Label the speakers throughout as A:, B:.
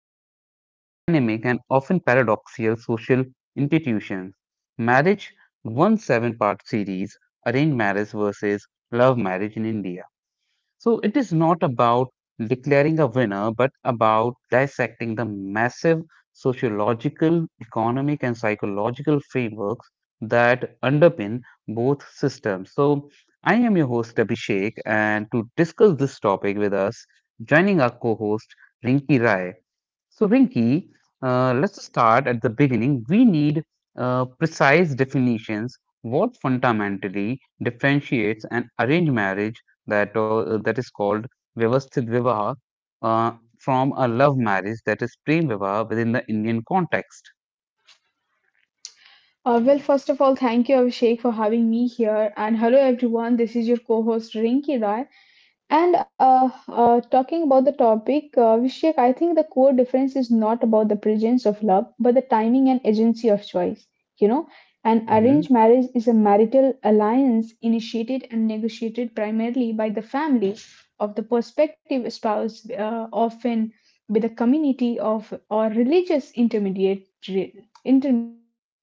A: compelling, dynamic, and often paradoxical social institutions marriage, one seven part series, Arranged Marriage versus Love Marriage in India. So it is not about declaring a winner, but about dissecting the massive sociological, economic, and psychological frameworks that underpin both systems. So I am your host, Abhishek, and to discuss this topic with us, joining our co host, Rinki Rai. So, Rinki, let's start at the beginning. We need precise definitions. What fundamentally differentiates an arranged marriage that is called Vyavasthit Vivaha from a love marriage that is Prem Vivaha within the Indian context?
B: Well, first of all, thank you, Abhishek, for having me here. And hello, everyone. This is your co host, Rinki Rai. And talking about the topic, Vishak, I think the core difference is not about the presence of love, but the timing and agency of choice. You know, an arranged
A: Mhm.
B: marriage is a marital alliance initiated and negotiated primarily by the family of the prospective spouse, often with a community of or religious intermediate intermediaries.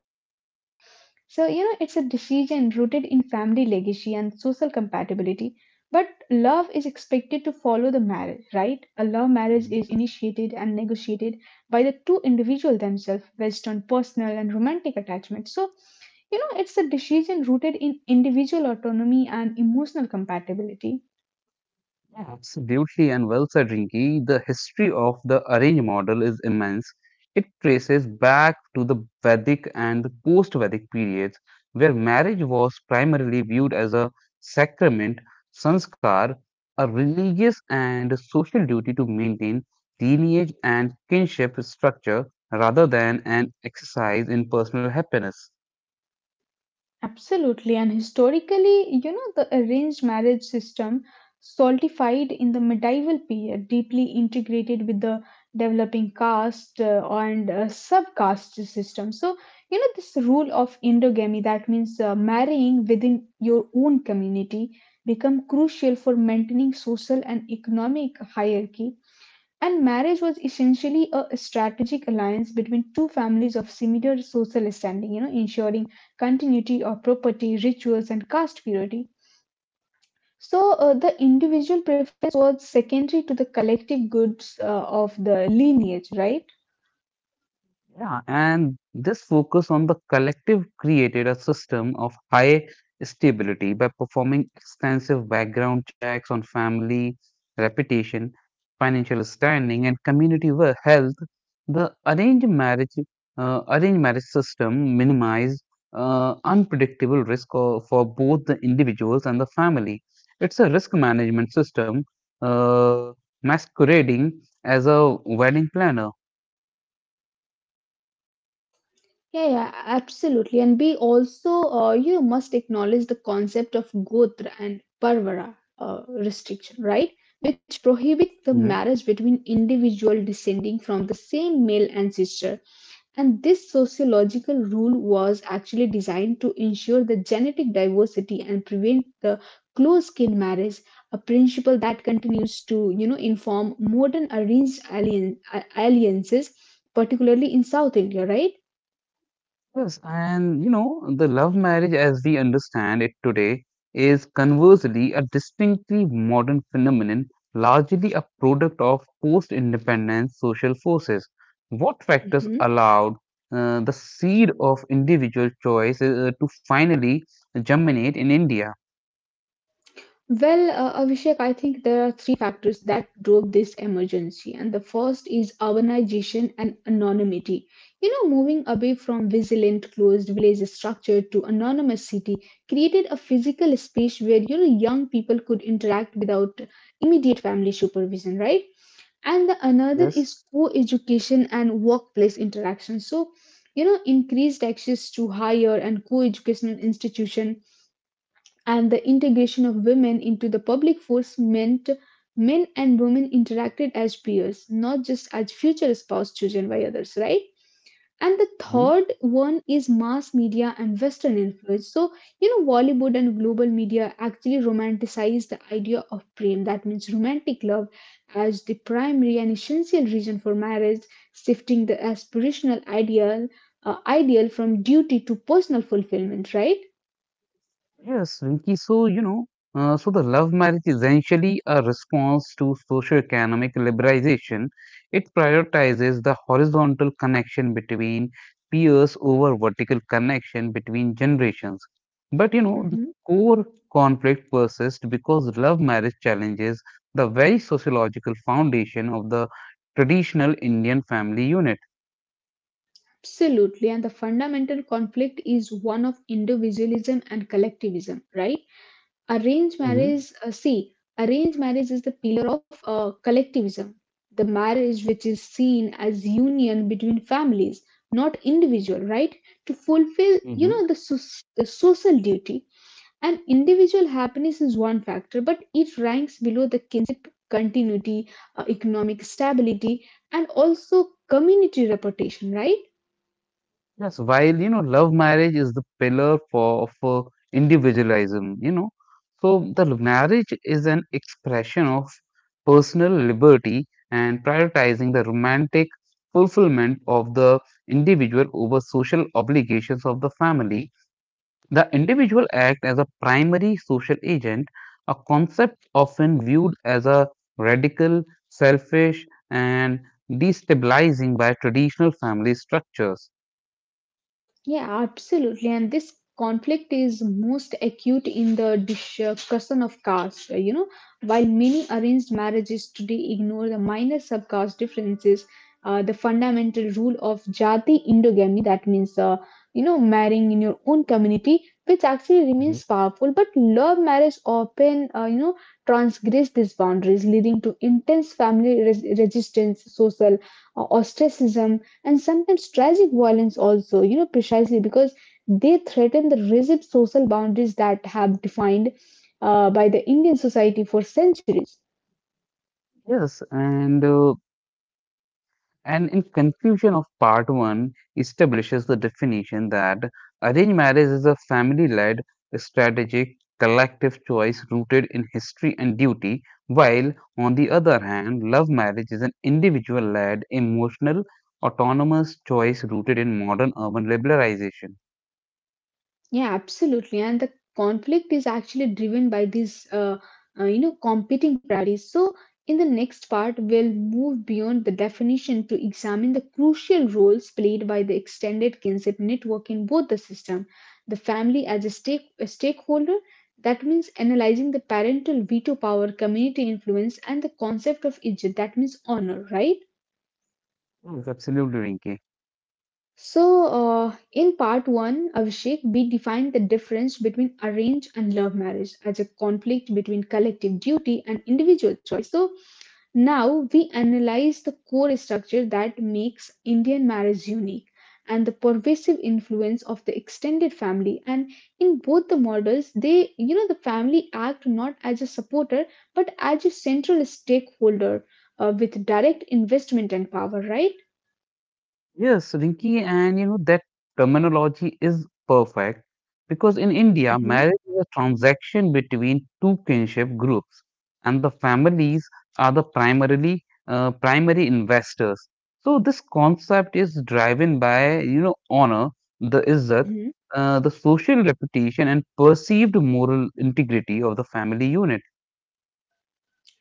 B: So, you know, it's a decision rooted in family legacy and social compatibility, but love is expected to follow the marriage, right? A love marriage is initiated and negotiated by the two individuals themselves based on personal and romantic attachment. So, you know, it's a decision rooted in individual autonomy and emotional compatibility.
A: Yeah, absolutely, and well said, Rinki. The history of the arranged model is immense. It traces back to the Vedic and the post-Vedic periods, where marriage was primarily viewed as a sacrament, sanskar, a religious and social duty to maintain lineage and kinship structure, rather than an exercise in personal happiness.
B: Absolutely, and historically, you know, the arranged marriage system solidified in the medieval period, deeply integrated with the developing caste and subcaste system. So, you know, this rule of endogamy, that means marrying within your own community, become crucial for maintaining social and economic hierarchy, and marriage was essentially a strategic alliance between two families of similar social standing, you know, ensuring continuity of property, rituals, and caste purity. So the individual preference was secondary to the collective goods of the lineage, right?
A: Yeah, and this focus on the collective created a system of high stability by performing extensive background checks on family, reputation, financial standing, and community health. The arranged marriage system minimizes unpredictable risk for both the individuals and the family. It's a risk management system uh, masquerading as a wedding planner.
B: Yeah, absolutely. And we also, you know, must acknowledge the concept of Gotra and Parvara restriction, right? Which prohibit the marriage between individual descending from the same male ancestor. And this sociological rule was actually designed to ensure the genetic diversity and prevent the close-kin marriage, a principle that continues to, you know, inform modern alliances, particularly in South India, right?
A: Yes, and you know, the love marriage as we understand it today is conversely a distinctly modern phenomenon, largely a product of post-independence social forces. What factors allowed the seed of individual choice to finally germinate in India?
B: Well, Abhishek, I think there are three factors that drove this emergency, and the first is urbanization and anonymity. You know, moving away from vigilant closed village structure to anonymous city created a physical space where, you know, young people could interact without immediate family supervision, right? And the another
A: Yes.
B: is co-education and workplace interaction. So, you know, increased access to higher and co-educational institution and the integration of women into the public force meant men and women interacted as peers, not just as future spouse chosen by others, right? And the third one is mass media and Western influence. So, you know, Bollywood and global media actually romanticize the idea of prem, that means romantic love, as the primary and essential reason for marriage, shifting the aspirational ideal from duty to personal fulfillment, right?
A: Yes, Rinki. So, you know, so the love marriage is essentially a response to socioeconomic liberalization. It prioritizes the horizontal connection between peers over vertical connection between generations. But, you know, the
B: Mhm.
A: core conflict persists because love marriage challenges the very sociological foundation of the traditional Indian family unit.
B: Absolutely. And the fundamental conflict is one of individualism and collectivism, right? arranged
A: Mm-hmm.
B: marriage uh, see Arranged marriage is the pillar of collectivism, the marriage which is seen as union between families, not individual, right, to fulfill, you know, the social duty, and individual happiness is one factor, but it ranks below the kinship continuity, economic stability, and also community reputation, right?
A: Yes, while you know, love marriage is the pillar for of individualism, you know. So the marriage is an expression of personal liberty and prioritizing the romantic fulfillment of the individual over social obligations of the family. The individual act as a primary social agent, a concept often viewed as a radical, selfish, and destabilizing by traditional family structures.
B: Yeah, absolutely. And this conflict is most acute in the discussion of caste. You know, while many arranged marriages today ignore the minor subcaste differences, the fundamental rule of jati endogamy, that means, you know, marrying in your own community, which actually remains powerful. But love marriage often, you know, transgress these boundaries, leading to intense family resistance, social ostracism, and sometimes tragic violence also, you know, precisely because they threaten the rigid social boundaries that have defined by the Indian society for centuries.
A: Yes, and and in conclusion of part one establishes the definition that arranged marriage is a family-led, strategic, collective choice rooted in history and duty, while on the other hand, love marriage is an individual-led, emotional, autonomous choice rooted in modern urban liberalization.
B: Yeah, absolutely. And the conflict is actually driven by these, you know, competing priorities. So, in the next part, we'll move beyond the definition to examine the crucial roles played by the extended kinship network in both the system. The family as a, a stakeholder, that means analyzing the parental veto power, community influence, and the concept of ijt, that means honor, right?
A: Yes, absolutely, Rinki.
B: So, in part one, Abhishek, we defined the difference between arranged and love marriage as a conflict between collective duty and individual choice. So, now we analyze the core structure that makes Indian marriage unique and the pervasive influence of the extended family. And in both the models, they, you know, the family act not as a supporter but as a central stakeholder with direct investment and power, right?
A: Yes, Rinki, and you know that terminology is perfect because in India,
B: Hmm.
A: marriage is a transaction between two kinship groups, and the families are the primarily primary investors. So this concept is driven by you know honor, the izzat, the social reputation, and perceived moral integrity of the family unit.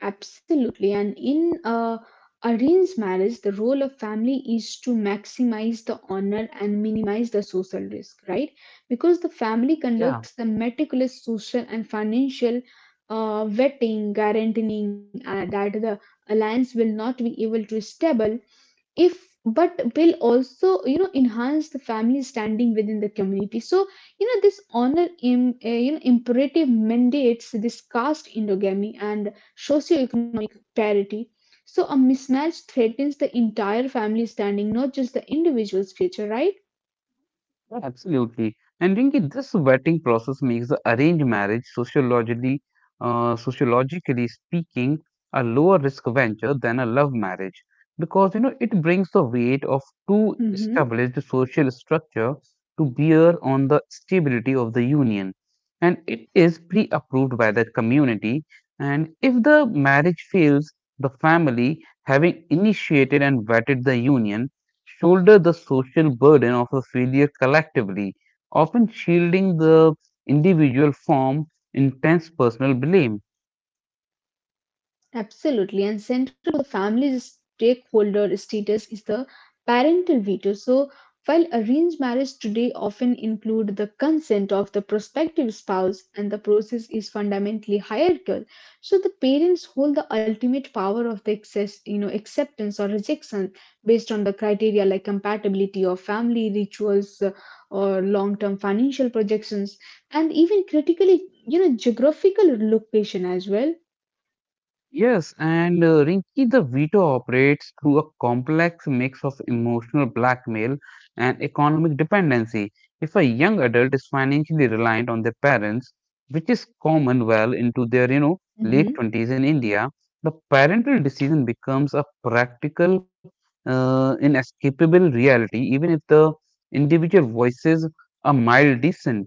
B: Absolutely. And in arranged marriage, the role of family is to maximize the honor and minimize the social risk, right? Because the family
A: Yeah.
B: conducts the meticulous social and financial vetting, guaranteeing that the alliance will not be able to stable if but will also, you know, enhance the family standing within the community. So, you know, this honor you know, imperative mandates this caste endogamy and socio parity. So a mismatch threatens the entire family standing, not just the individual's future, right?
A: Yeah, absolutely. And Rinki, this vetting process makes the arranged marriage sociologically speaking, a lower risk venture than a love marriage because you know it brings the weight of two
B: Mhm.
A: established social structure to bear on the stability of the union, and it is pre-approved by the community. And if the marriage fails, the family, having initiated and vetted the union, shoulder the social burden of a failure collectively, often shielding the individual from intense personal blame.
B: Absolutely. And central to the family's stakeholder status is the parental veto. So, while arranged marriage today often include the consent of the prospective spouse and the process is fundamentally hierarchical, so the parents hold the ultimate power of the excess, you know, acceptance or rejection based on the criteria like compatibility of family rituals or long-term financial projections, and even critically, you know, geographical location as well.
A: Yes, and Rinki, the veto operates through a complex mix of emotional blackmail and economic dependency. If a young adult is financially reliant on their parents, which is common well into their, you know, late 20s in India, the parental decision becomes a practical, inescapable reality, even if the individual voices a mild dissent.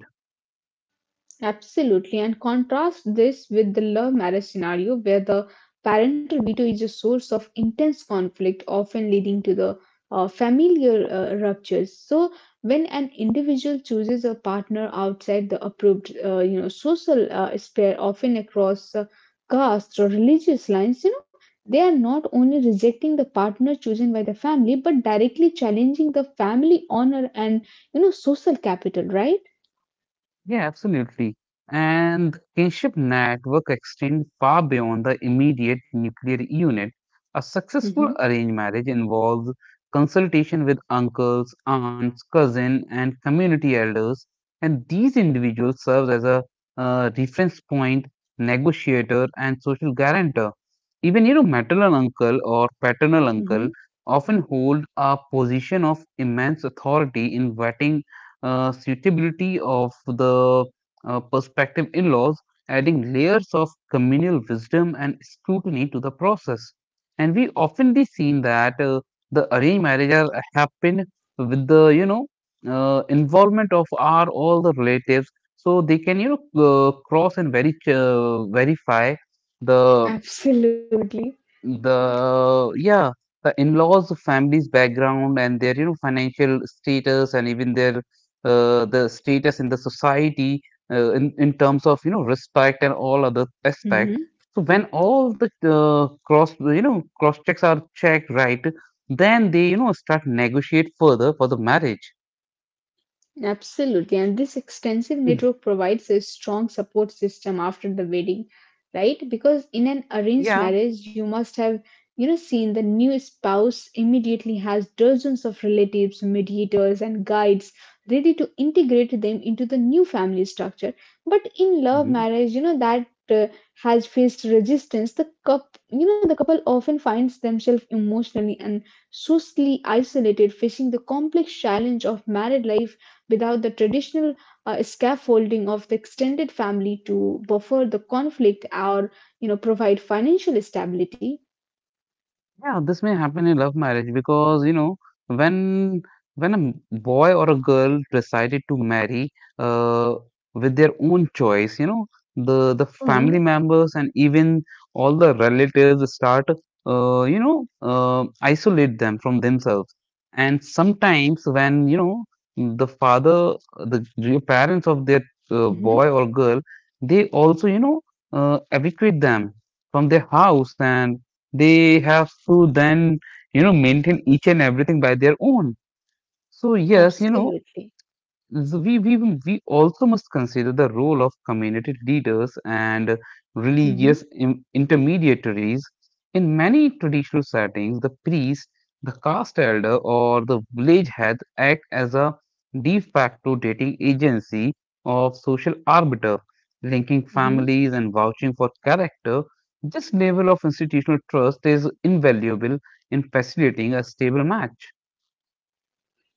B: Absolutely, and contrast this with the love marriage scenario where the parental veto is a source of intense conflict, often leading to the familiar ruptures. So, when an individual chooses a partner outside the approved, you know, social sphere, often across caste or religious lines, you know, they are not only rejecting the partner chosen by the family, but directly challenging the family honor and, you know, social capital, right?
A: Yeah, absolutely. And the kinship network extend far beyond the immediate nuclear unit. A successful
B: Hmm.
A: arranged marriage involves consultation with uncles, aunts, cousins, and community elders, and these individuals serve as a reference point, negotiator, and social guarantor. Even you know, maternal uncle or paternal uncle often hold a position of immense authority in vetting suitability of the prospective in-laws, adding layers of communal wisdom and scrutiny to the process. And we often be seen that the arranged marriages happen with the you know involvement of our all the relatives, so they can you know cross and very verify the
B: Absolutely.
A: the yeah the in-laws family's background and their you know financial status and even their the status in the society in terms of you know respect and all other aspect
B: Mhm.
A: so when all the cross you know cross checks are checked right then they you know start negotiate further for the marriage.
B: Absolutely. And this extensive
A: Mm.
B: network provides a strong support system after the wedding, right? Because in an arranged
A: Yeah.
B: marriage, you must have, you know, seen the new spouse immediately has dozens of relatives, mediators, and guides ready to integrate them into the new family structure. But in love marriage, you know, that has faced resistance. The couple often finds themselves emotionally and socially isolated, facing the complex challenge of married life without the traditional scaffolding of the extended family to buffer the conflict or, you know, provide financial stability.
A: Yeah, this may happen in love marriage because you know when when boy or a girl decided to marry uh, with their own choice, you know the
B: Hmm.
A: family members and even all the relatives start isolate them from themselves and sometimes when you know the father the your parents of that
B: Hmm.
A: boy or girl they also you know evacuate them from their house and they have to then you know maintain each and everything by their own. So yes, you know,
B: Absolutely.
A: so we also must consider the role of community leaders and
B: Hmm.
A: religious intermediaries. In many traditional settings, the priest, the caste elder, or the village head act as a de facto dating agency of social arbiter, linking
B: Hmm.
A: families and vouching for character. This level of institutional trust is invaluable in facilitating a stable match.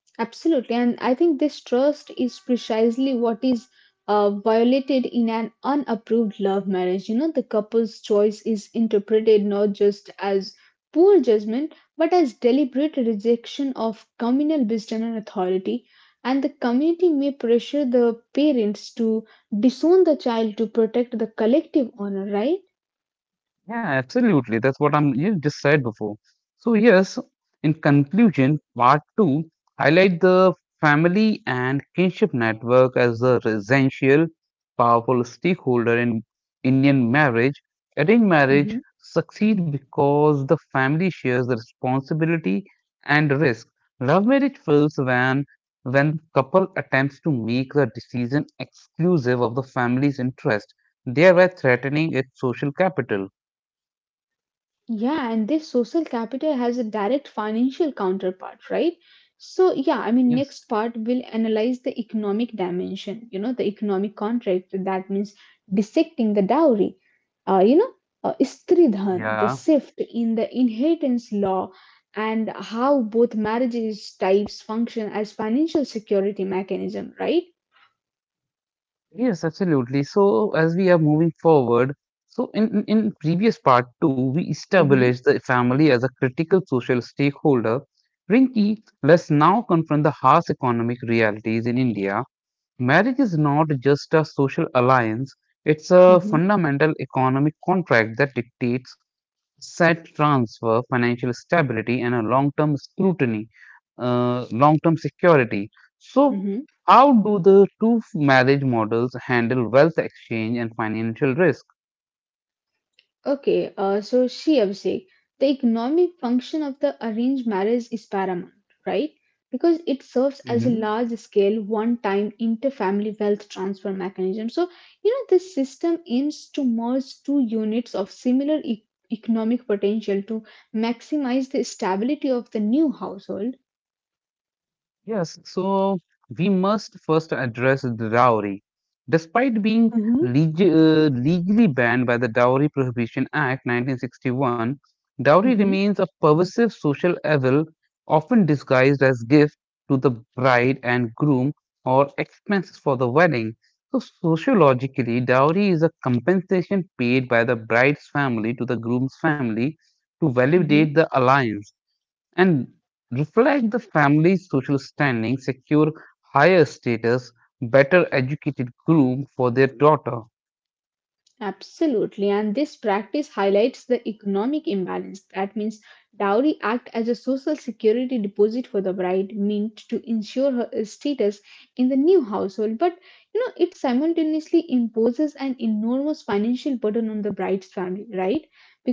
B: Absolutely, and I think this trust is precisely what is violated in an unapproved love marriage. You know, the couple's choice is interpreted not just as poor judgment, but as deliberate rejection of communal wisdom and authority. And the community may pressure the parents to disown the child to protect the collective honor, right?
A: Yeah, absolutely. That's what I'm you just said before. So yes, in conclusion, part two highlight the family and kinship network as the essential, powerful stakeholder in Indian marriage. Arranged marriage succeed because the family shares the responsibility and risk. Love marriage fails when couple attempts to make the decision exclusive of the family's interest, thereby threatening its social capital.
B: Yeah, and this social capital has a direct financial counterpart, right? So, yeah, I mean,
A: Yes.
B: next part will analyze the economic dimension, you know, the economic contract. That means dissecting the dowry, you know, istridhan, the
A: Yeah.
B: shift in the inheritance law, and how both marriages types function as financial security mechanism, right?
A: Yes, absolutely. So as we are moving forward, so in previous part two, we
B: Mm-hmm,
A: established the family as a critical social stakeholder. Rinki, let's now confront the harsh economic realities in India. Marriage is not just a social alliance, it's a
B: mm-hmm,
A: fundamental economic contract that dictates set transfer financial stability and a long-term security. So,
B: mm-hmm.
A: how do the two marriage models handle wealth exchange and financial risk?
B: Okay, so see, Abhishek, the economic function of the arranged marriage is paramount, right? Because it serves as a large scale, one time inter family wealth transfer mechanism. So, you know, this system aims to merge two units of similar economic potential to maximize the stability of the new household.
A: Yes, so we must first address the dowry. Despite being
B: Mm-hmm.
A: legally banned by the Dowry Prohibition Act 1961,
B: Hmm.
A: dowry
B: Mhm,
A: remains a pervasive social evil often disguised as gift to the bride and groom or expenses for the wedding. So sociologically, dowry is a compensation paid by the bride's family to the groom's family to
B: mhm.
A: validate the alliance and reflect the family's social standing, secure higher status, better educated groom for their daughter.
B: Absolutely, and this practice highlights the economic imbalance. That means dowry act as a social security deposit for the bride, meant to ensure her status in the new household. But, you know, it simultaneously imposes an enormous financial burden on the bride's family, right?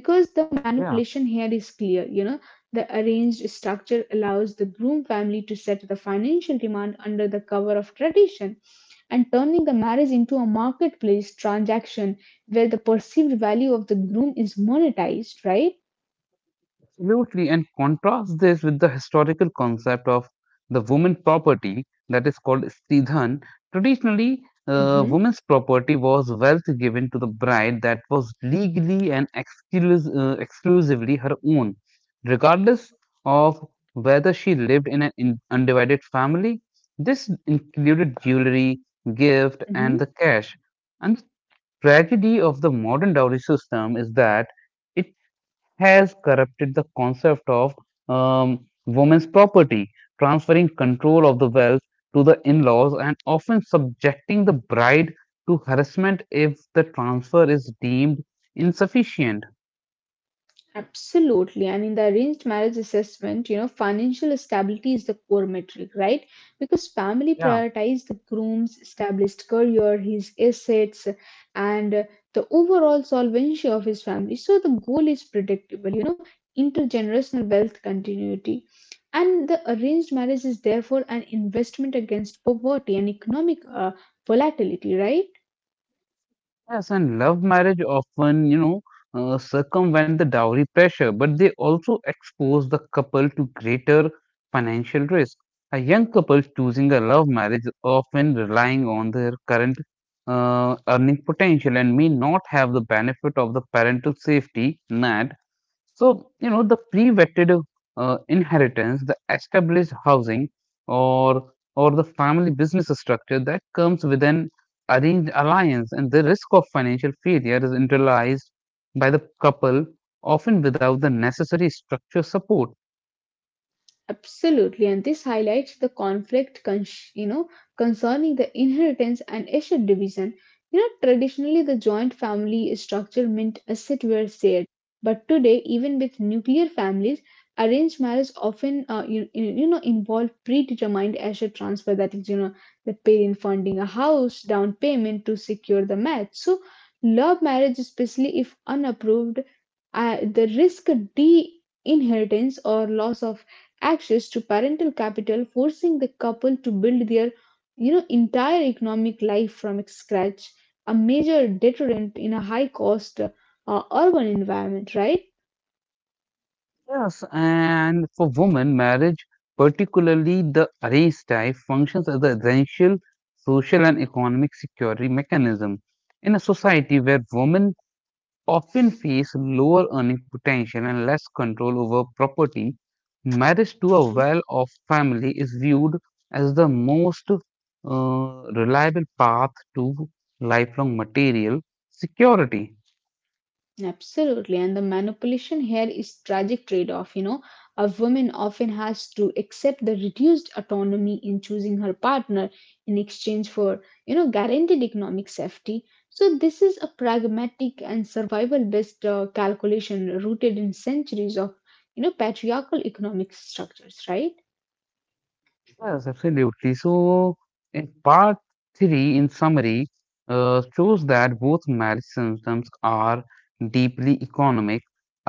B: Because the
A: Yeah.
B: manipulation here is clear. You know, the arranged structure allows the groom family to set the financial demand under the cover of tradition and turning the marriage into a marketplace transaction where the perceived value of the groom is monetized, right?
A: Absolutely, and contrast this with the historical concept of the woman property that is called stridhan. Traditionally,
B: Mm-hmm.
A: woman's property was wealth given to the bride that was legally and exclusively her own, regardless of whether she lived in an undivided family. This included jewelry, gift, and the cash. And the tragedy of the modern dowry system is that it has corrupted the concept of women's property, transferring control of the wealth to the in laws and often subjecting the bride to harassment if the transfer is deemed insufficient.
B: Absolutely. And in the arranged marriage assessment, you know, financial stability is the core metric, right? Because family
A: Yeah,
B: prioritize the groom's established career, his assets, and the overall solvency of his family. So the goal is predictable, you know, intergenerational wealth continuity. And the arranged marriage is therefore an investment against poverty and economic volatility, right?
A: yes, and love marriage often, you know, circumvent the dowry pressure, but they also expose the couple to greater financial risk. A young couple choosing a love marriage is often relying on their current earning potential and may not have the benefit of the parental safety net. So, you know, the pre vetted inheritance, the established housing, or or the family business structure that comes with an arranged alliance, and the risk of financial failure is internalized by the couple, often without the necessary structure support.
B: Absolutely, and this highlights the conflict, you know, concerning the inheritance and asset division. You know, traditionally the joint family structure meant assets were shared, but today, even with nuclear families, arranged marriage often, you know, involve predetermined asset transfer. That is, you know, the parent funding a house down payment to secure the match. So, love marriage, especially if unapproved, the risk de inheritance or loss of access to parental capital, forcing the couple to build their, you know, entire economic life from scratch, a major deterrent in a high cost urban environment, right?
A: Yes, and for women, marriage, particularly the arranged type, functions as the essential social and economic security mechanism. In a society where women often face lower earning potential and less control over property, marriage to a well off family is viewed as the most reliable path to lifelong material security.
B: Absolutely. And the manipulation here is tragic trade-off, you know. A woman often has to accept the reduced autonomy in choosing her partner in exchange for, you know, guaranteed economic safety. So this is a pragmatic and survival-based calculation rooted in centuries of, you know, patriarchal economic structures, right?
A: Yes, absolutely. So, in part three, in summary, shows that both marriage systems are deeply economic.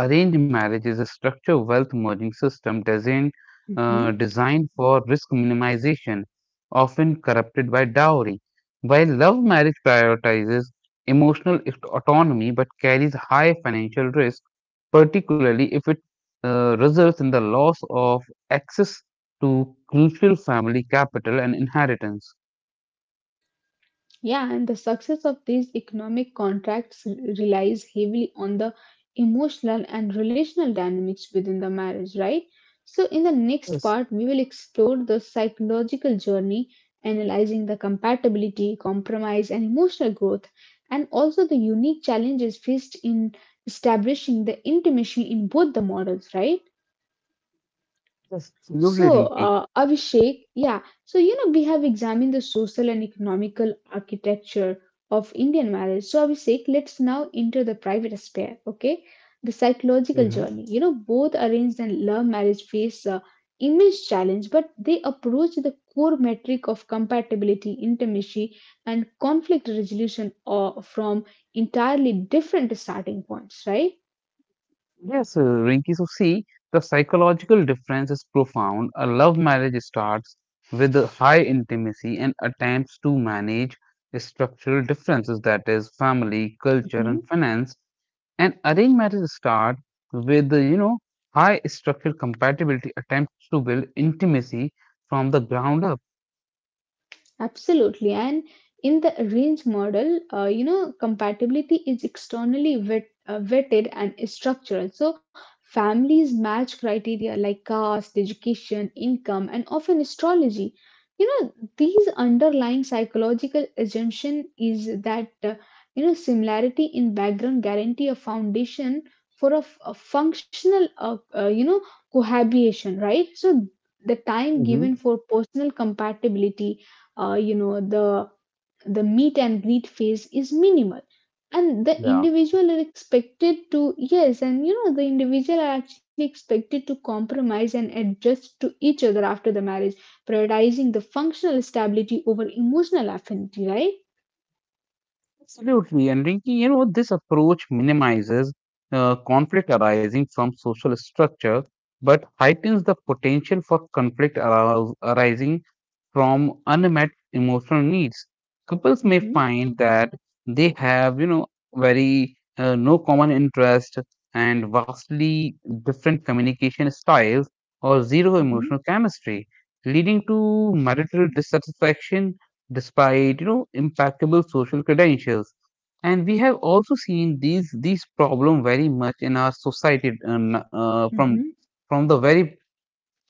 A: Arranged marriage is a structured wealth merging system
B: Mm-hmm.
A: designed for risk minimization, often corrupted by dowry. While love marriage prioritizes emotional autonomy but carries high financial risk, particularly if it results in the loss of access to crucial family capital and inheritance.
B: Yeah, and the success of these economic contracts relies heavily on the emotional and relational dynamics within the marriage, right? So, in the next
A: Yes,
B: part, we will explore the psychological journey, analyzing the compatibility, compromise, and emotional growth, and also the unique challenges faced in establishing the intimacy in both the models, right?
A: yes.
B: So,
A: Absolutely,
B: Abhishek, yeah. So, you know, we have examined the social and economical architecture of Indian marriage. So, Abhishek, let's now enter the private sphere, okay? The psychological
A: Rinki.
B: journey. You know, both arranged and love marriage face immense challenge, but they approach the core metric of compatibility, intimacy, and conflict resolution from entirely different starting points, right?
A: Yes, Rinki. So, see, the psychological difference is profound. A love marriage starts with a high intimacy and attempts to manage structural differences, that is, family, culture,
B: Mm-hmm.
A: and finance. And arranged marriage starts with, you know, high structural compatibility, attempts to build intimacy from the ground up.
B: Absolutely. And in the range model, you know, compatibility is externally vetted and is structural. So families match criteria like caste, education, income, and often astrology. You know, these underlying psychological assumption is that, you know, similarity in background guarantee a foundation for a functional, you know, cohabitation, right? So the time
A: Hmm.
B: given for personal compatibility you know the meet and greet phase is minimal and the
A: Yeah.
B: individual are expected to yes and you know the individual are actually expected to compromise and adjust to each other after the marriage prioritizing the functional stability over emotional affinity, right?
A: Absolutely, and Rinki, you know, this approach minimizes uh, conflict arising from social structure, but heightens the potential for arising from unmet emotional needs. Couples may
B: Mhm,
A: find that they have, you know, very no common interest, and vastly different communication styles or zero emotional
B: hmm
A: chemistry, leading to marital dissatisfaction despite, you know, impeccable social credentials. And we have also seen these problem very much in our society, and
B: hmm
A: from the very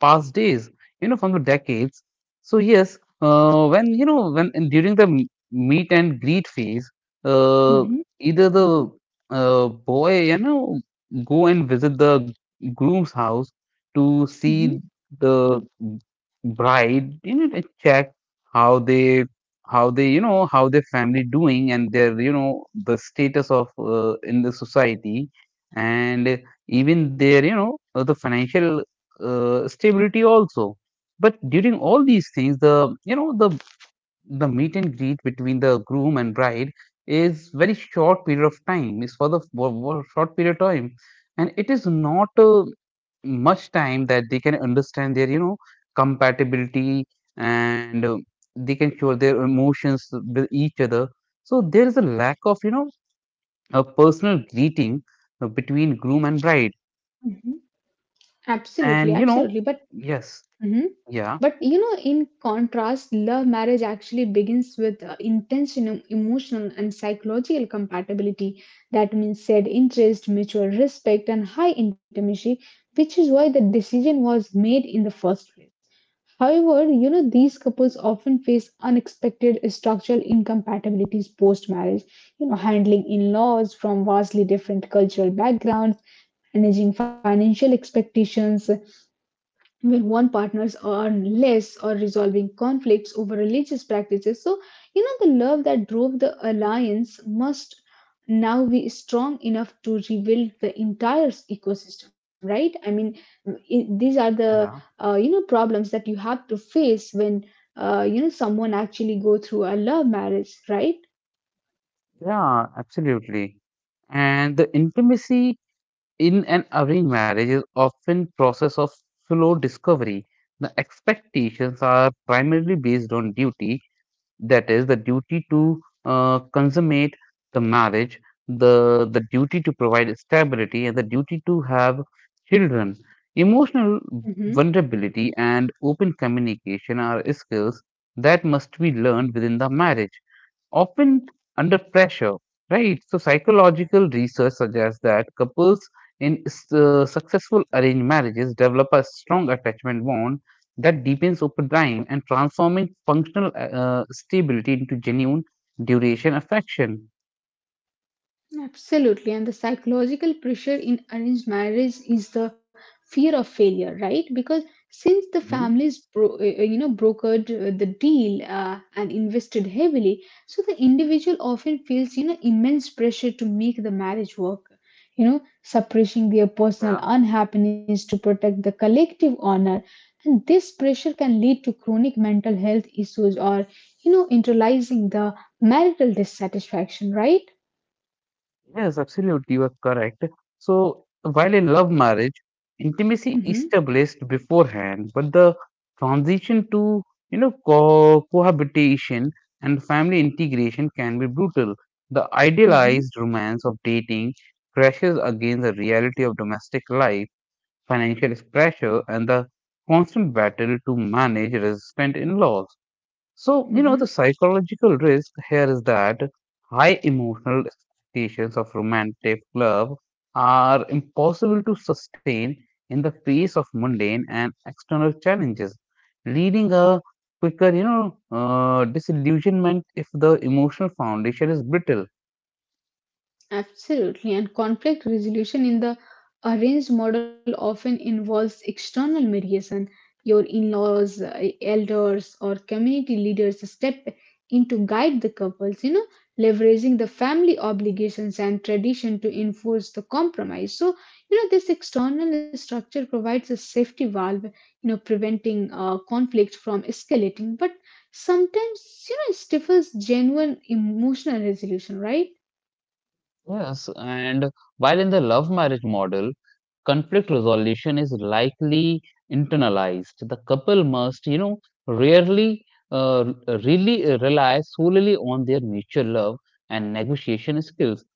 A: past days, you know, from the decades. So yes, when you know when and during the meet and greet phase, uh,
B: hmm
A: either the boy, you know, go and visit the groom's house to
B: hmm
A: see the bride, you know, and check how they you know how their family doing and their, you know, the status of in the society, and even their, you know, the financial stability also. But during all these things, the you know the meet and greet between the groom and bride is very short period of time. It's for short period of time, and it is not much time that they can understand their, you know, compatibility, and they can show their emotions with each other. So there is a lack of, you know, a personal greeting between groom and bride,
B: hmm Absolutely,
A: and you
B: absolutely.
A: know
B: But
A: yes
B: hmm
A: yeah.
B: but you know, in contrast, love marriage actually begins with intense emotional and psychological compatibility. That means shared interest, mutual respect, and high intimacy, which is why the decision was made in the first place. However, you know, these couples often face unexpected structural incompatibilities post marriage, you know, handling in laws from vastly different cultural backgrounds, managing financial expectations, where one partners earn less or resolving conflicts over religious practices. So, you know, the love that drove the alliance must now be strong enough to rebuild the entire ecosystem, right? I mean, these are the,
A: Yeah.
B: you know, problems that you have to face when, you know, someone actually go through a love marriage, right?
A: Yeah, absolutely. And the intimacy in an arranged marriage is often process of slow discovery. The expectations are primarily based on duty, that is the duty to consummate the marriage, the duty to provide stability, and the duty to have children. Emotional
B: Mhm.
A: vulnerability and open communication are skills that must be learned within the marriage, often under pressure. Right, so psychological research suggests that couples in successful arranged marriages develop a strong attachment bond that deepens over time, and transforming functional stability into genuine duration affection.
B: Absolutely. And the psychological pressure in arranged marriage is the fear of failure, right? Because since the
A: Mhm.
B: families, you know, brokered the deal and invested heavily, so the individual often feels, you know, immense pressure to make the marriage work. You know, suppressing their personal
A: Yeah.
B: unhappiness to protect the collective honor. And this pressure can lead to chronic mental health issues or, you know, internalizing the marital dissatisfaction, right?
A: Yes, absolutely, you are correct. So, while in love marriage, intimacy
B: hmm
A: is established beforehand, but the transition to, you know, cohabitation and family integration can be brutal. The
B: hmm
A: idealized romance of dating crashes against the reality of domestic life, financial pressure, and the constant battle to manage resistant in laws. So, you
B: Mhm,
A: know, the psychological risk here is that high emotional expectations of romantic love are impossible to sustain in the face of mundane and external challenges, leading a quicker, you know, disillusionment if the emotional foundation is brittle.
B: Absolutely. And conflict resolution in the arranged model often involves external mediation. Your in laws, elders, or community leaders step in to guide the couples, you know, leveraging the family obligations and tradition to enforce the compromise. So, you know, this external structure provides a safety valve, you know, preventing conflict from escalating, but sometimes, you know, it stifles genuine emotional resolution, right?
A: Yes, and while in the love marriage model, conflict resolution is likely internalized. The couple must, you know, rarely uh, really rely solely on their mutual love and negotiation skills,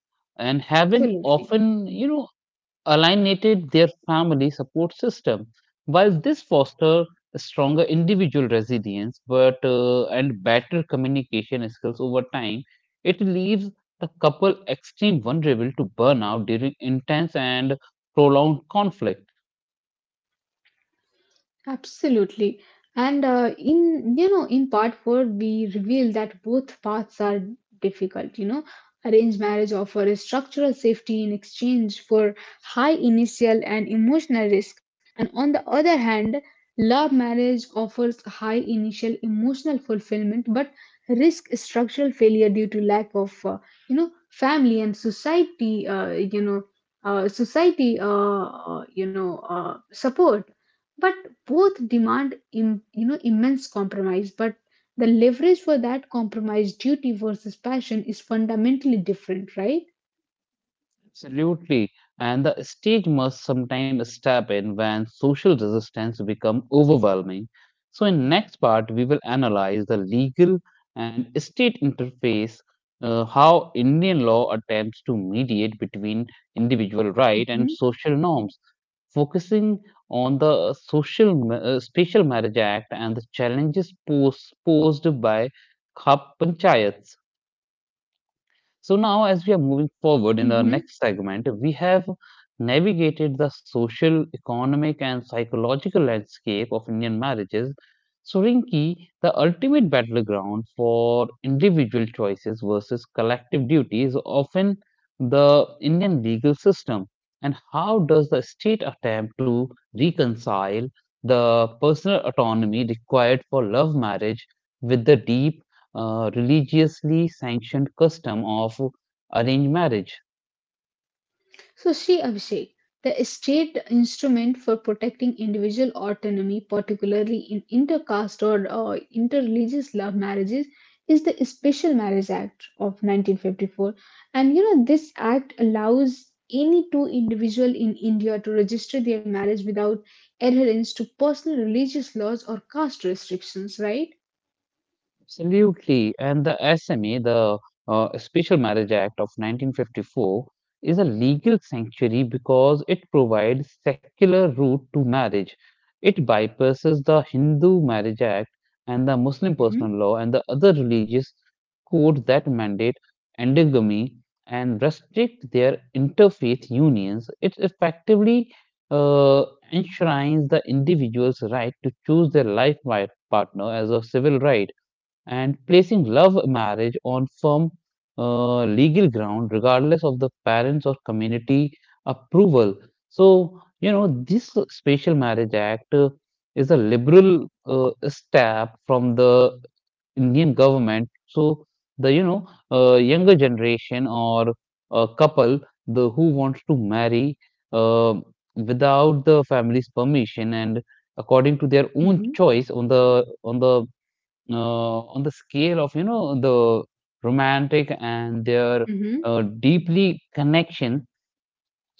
A: and have been
B: Absolutely.
A: often, you know, alienated their family support system. While this foster stronger individual resilience, but and better communication skills over time, it leaves the couple extreme vulnerable to burnout during intense and prolonged conflict.
B: Absolutely. And in you know in part 4 we reveal that both paths are difficult, you know. Arranged marriage offers structural safety in exchange for high initial and emotional risk. And on the other hand, love marriage offers high initial emotional fulfillment but risk structural failure due to lack of you know family and society you know society you know support. But both demand, you know immense compromise but the leverage for that compromise duty versus passion is fundamentally different, right?
A: Absolutely. And the stage must sometimes step in when social resistance become overwhelming. So in next part, we will analyze the legal and state interface, how Indian law attempts to mediate between individual right
B: Mhm.
A: and social norms, focusing on the Special Marriage Act and the challenges posed by Khap Panchayats. So now, as we are moving forward in the next
B: Mhm.
A: segment, we have navigated the social, economic, and psychological landscape of Indian marriages. So, Rinki, the ultimate battleground for individual choices versus collective duty is often the Indian legal system. And how does the state attempt to reconcile the personal autonomy required for love marriage with the deep religiously sanctioned custom of arranged marriage.
B: So, see, Abhishek, the state instrument for protecting individual autonomy, particularly in intercaste or interreligious love marriages, is the Special Marriage Act of 1954. And you know, this act allows any two individual in India to register their marriage without adherence to personal religious laws or caste restrictions, right?
A: Absolutely. And the SMA, the Special Marriage Act of 1954, is a legal sanctuary because it provides secular route to marriage. It bypasses the Hindu Marriage Act and the Muslim
B: hmm
A: Personal Law and the other religious codes that mandate endogamy, and restrict their interfaith unions. It effectively uh, enshrines the individual's right to choose their life partner as a civil right, and placing love marriage on firm legal ground, regardless of the parents or community approval. So, you know, this Special Marriage Act is a
B: hmm
A: liberal step from the Indian government. So, the you know younger generation or a couple the who wants to marry uh, without the family's permission, and according to their
B: hmm
A: own choice on the on the on the scale of, you know, the romantic and their
B: hmm
A: deeply connection,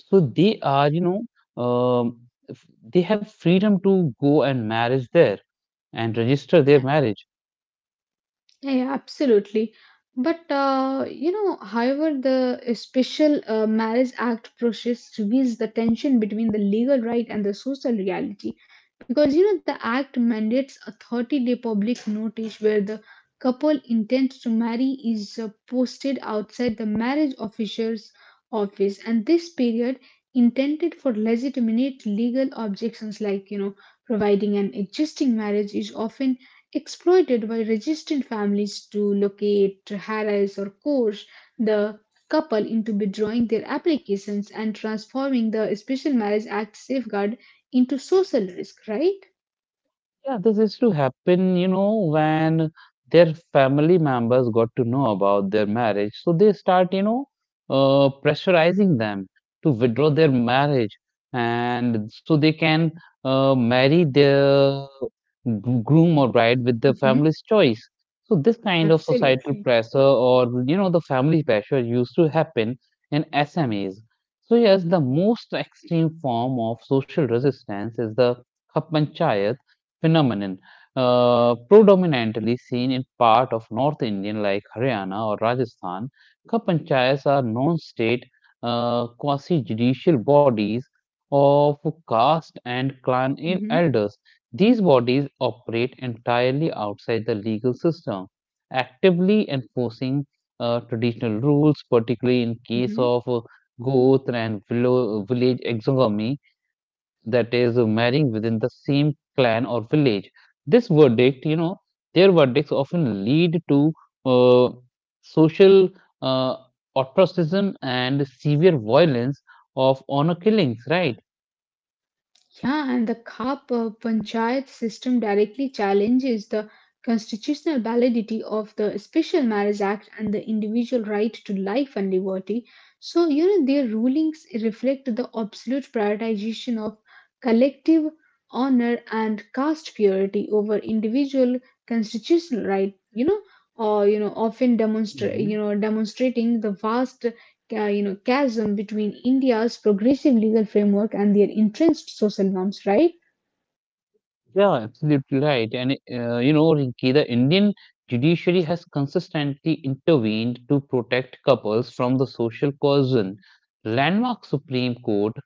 A: so they are you know f- they have freedom to go and marriage there and register their marriage.
B: Yeah, absolutely. But you know, however, the special marriage act process reveals the tension between the legal right and the social reality. Because you know the act mandates a 30-day public notice where the couple intends to marry is posted outside the marriage officer's office and this period intended for legitimate legal objections like you know providing an existing marriage is often exploited by resistant families to locate, harass, or coerce the couple into withdrawing their applications and transforming the Special Marriage Act safeguard into social risk, right?
A: Yeah, this is to happen, you know, when their family members got to know about their marriage. So they start, you know, pressurizing them to withdraw their marriage, and so they can marry their groom or bride with their
B: hmm
A: family's choice. So this kind of societal
B: Absolutely.
A: pressure or, you know, the family pressure used to happen in SMEs. So yes, the most extreme form of social resistance is the Khat panchayat phenomenon, predominantly seen in part of North Indian like Haryana or Rajasthan. Cup panchayats are non-state, quasi-judicial bodies of caste and
B: hmm
A: elders. These bodies operate entirely outside the legal system, actively enforcing traditional rules, particularly in case
B: hmm
A: of goth and village exogamy, that is marrying within the same clan or village. This verdict, you know, Their verdicts often lead to uh, social uh, ostracism and severe violence of honor killings, right?
B: Yeah, and the CAP panchayat system directly challenges the constitutional validity of the Special Marriage Act and the individual right to life and liberty. So, you know, their rulings reflect the absolute prioritization of collective honor and caste purity over individual constitutional right, you know, or, you know, you
A: hmm
B: know, demonstrating the vast you know, chasm between India's progressive legal framework and their entrenched social norms, right?
A: Yeah, absolutely right. And, you know, Rinki, the Indian judiciary has consistently intervened to protect couples from the social coercion. Landmark Supreme Court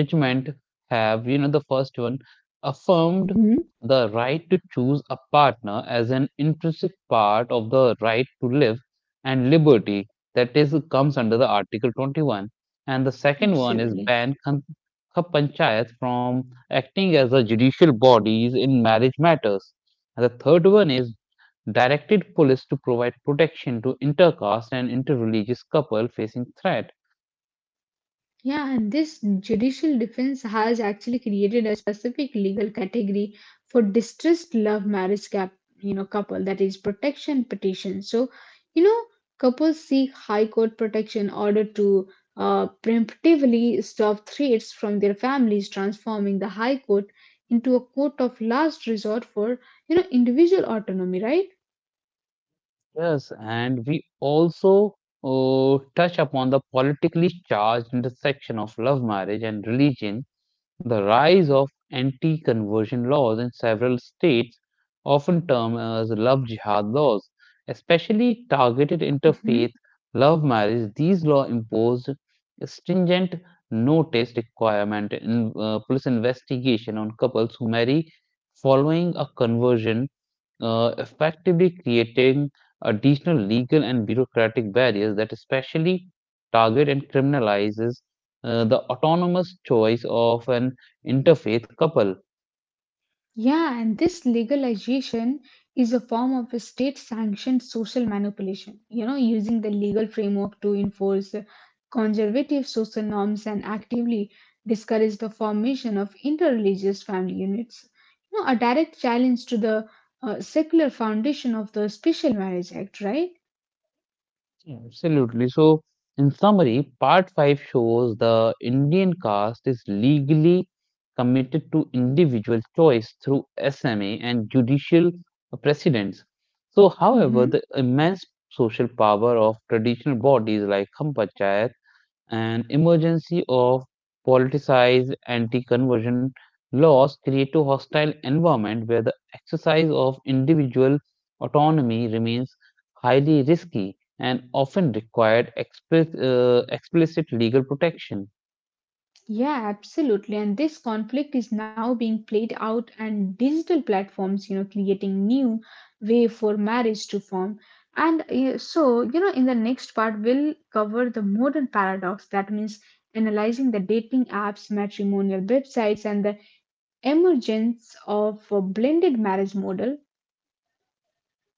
A: judgment have, you know, the first one affirmed
B: hmm
A: the right to choose a partner as an intrinsic part of the right to live and liberty, that is comes under the article 21, and the second one is
B: Absolutely.
A: ban khan panchayat from acting as a judicial bodies in marriage matters, and the third one is directed police to provide protection to intercaste and interreligious couple facing threat.
B: Yeah, and this judicial defense has actually created a specific legal category for distressed love marriage cap, you know, couple that is protection petition. So, you know, couples seek high court protection order to preemptively stop threats from their families, transforming the high court into a court of last resort for you know individual autonomy, right?
A: Yes, and we also touch upon the politically charged intersection of love marriage and religion. The rise of anti conversion laws in several states, often termed as love jihad laws, especially targeted interfaith love marriage. These laws imposed stringent notice requirement in police investigation on couples who marry following a conversion, effectively creating additional legal and bureaucratic barriers that especially target and criminalizes the autonomous choice of an interfaith couple.
B: Yeah, and this legalization is a form of a state sanctioned social manipulation, you know, using the legal framework to enforce conservative social norms and actively discourage the formation of interreligious family units. You know, a direct challenge to the secular foundation of the Special Marriage Act, right?
A: Absolutely. So, in summary, part 5 shows the Indian caste is legally committed to individual choice through SMA and judicial precedents. So, however,
B: hmm
A: the immense social power of traditional bodies like Hum Panchayat and emergency of politicized anti-conversion laws create a hostile environment where the exercise of individual autonomy remains highly risky, and often required explicit legal protection.
B: Yeah, absolutely. And this conflict is now being played out and digital platforms, you know, creating new way for marriage to form. And so, you know, in the next part, we'll cover the modern paradox. That means analyzing the dating apps, matrimonial websites, and the emergence of a blended marriage model.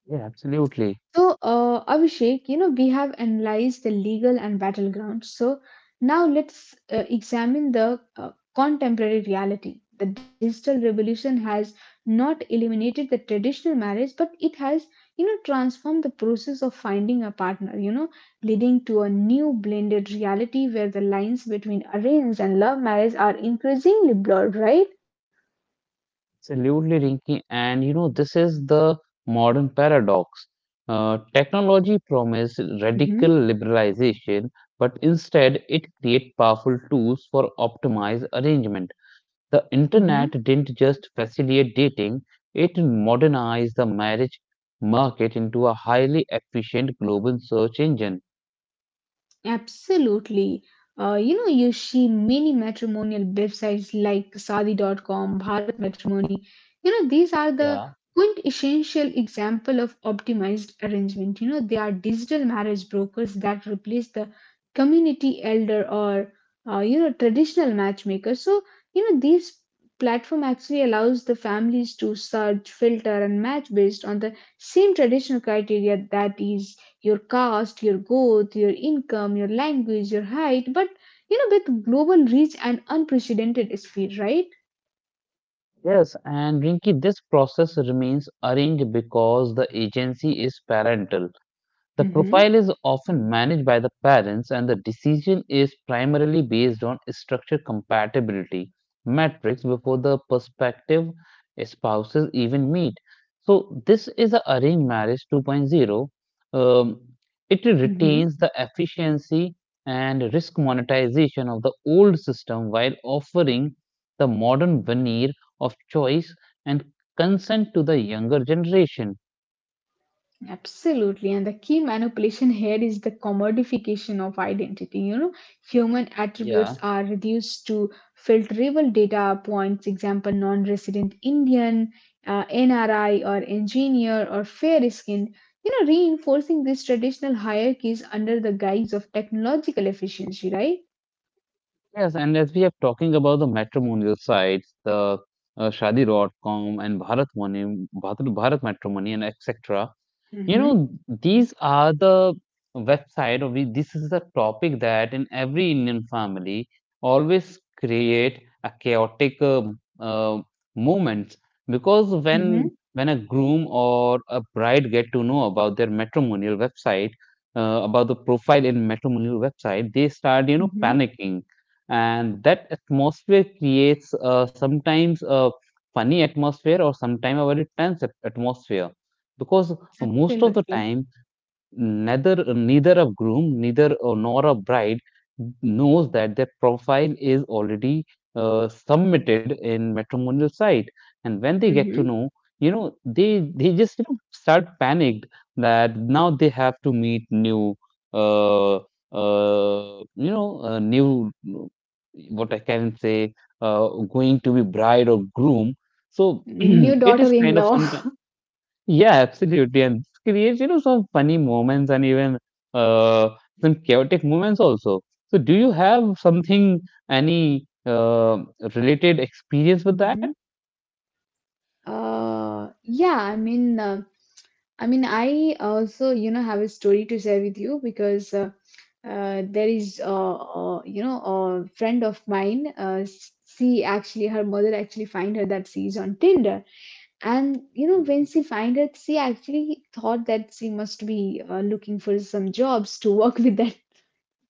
A: Yeah, absolutely.
B: So, Abhishek, you know, we have analyzed the legal and battlegrounds. So, now let's examine the contemporary reality. The digital revolution has not eliminated the traditional marriage, but it has, you know, transformed the process of finding a partner, you know, leading to a new blended reality where the lines between arranged and love marriage are increasingly blurred, right?
A: Absolutely, Rinki. And, you know, this is the modern paradox. Technology promised radical
B: Mm-hmm,
A: liberalization, but instead it created powerful tools for optimized arrangement. The internet
B: mm-hmm.
A: didn't just facilitate dating, it modernized the marriage market into a highly efficient global search engine.
B: Absolutely. You know, you see many matrimonial websites like Sadi.com, Bharat Matrimony, you know these are
A: Yeah.
B: the quintessential example of optimized arrangement you know they are digital marriage brokers that replace the community elder or you know traditional matchmaker so you know these platform actually allows the families to search filter and match based on the same traditional criteria that is your caste your growth your income your language your height but you know with global reach and unprecedented speed, right?
A: Yes, and Rinki, this process remains arranged because the agency is parental. The
B: Mm-hmm.
A: profile is often managed by the parents, and the decision is primarily based on structure compatibility metrics before the prospective spouses even meet. So, this is a arranged marriage 2.0. Um, it retains the efficiency and risk monetization of the old system, while offering the modern veneer of choice and consent to the younger generation.
B: Absolutely. And the key manipulation here is the commodification of identity. You know, human attributes
A: Yeah.
B: are reduced to filterable data points, example, non resident Indian, NRI, or engineer, or fair skinned. You know, reinforcing these traditional hierarchies under the guise of technological efficiency, right?
A: Yes, and as we are talking about the matrimonial sites, the shadi.com and Bharat Matrimony, and etc. You
B: Mm-hmm,
A: know, these are the this is a topic that in every Indian family always create a chaotic uh, moment, because when
B: mm-hmm,
A: a groom or a bride get to know about their matrimonial website, about the profile in matrimonial website, they start, you know,
B: mm-hmm.
A: panicking, and that atmosphere creates sometimes a funny atmosphere or sometimes a very tense atmosphere, because most of the
B: Absolutely.
A: time neither a groom neither nor a bride knows that their profile is already submitted in matrimonial site, and when they get to
B: Mm-hmm.
A: know, you know, they just, you know, start panicked, that now they have to meet new uh, uh, new, what I can say, uh, going to be bride or groom, so
B: New
A: it
B: daughter
A: is
B: in
A: kind of
B: law.
A: some. Yeah, absolutely. And it creates, you know, some funny moments and even uh, some chaotic moments also. So, do you have something, any related experience with that?
B: Mhm. Uh, yeah, I mean, uh, I mean, I also, you know, have a story to share with you because there is, you know, a friend of mine. She actually, her mother actually find her that she's on Tinder, and you know, when she find it, she actually thought that she must be looking for some jobs to work with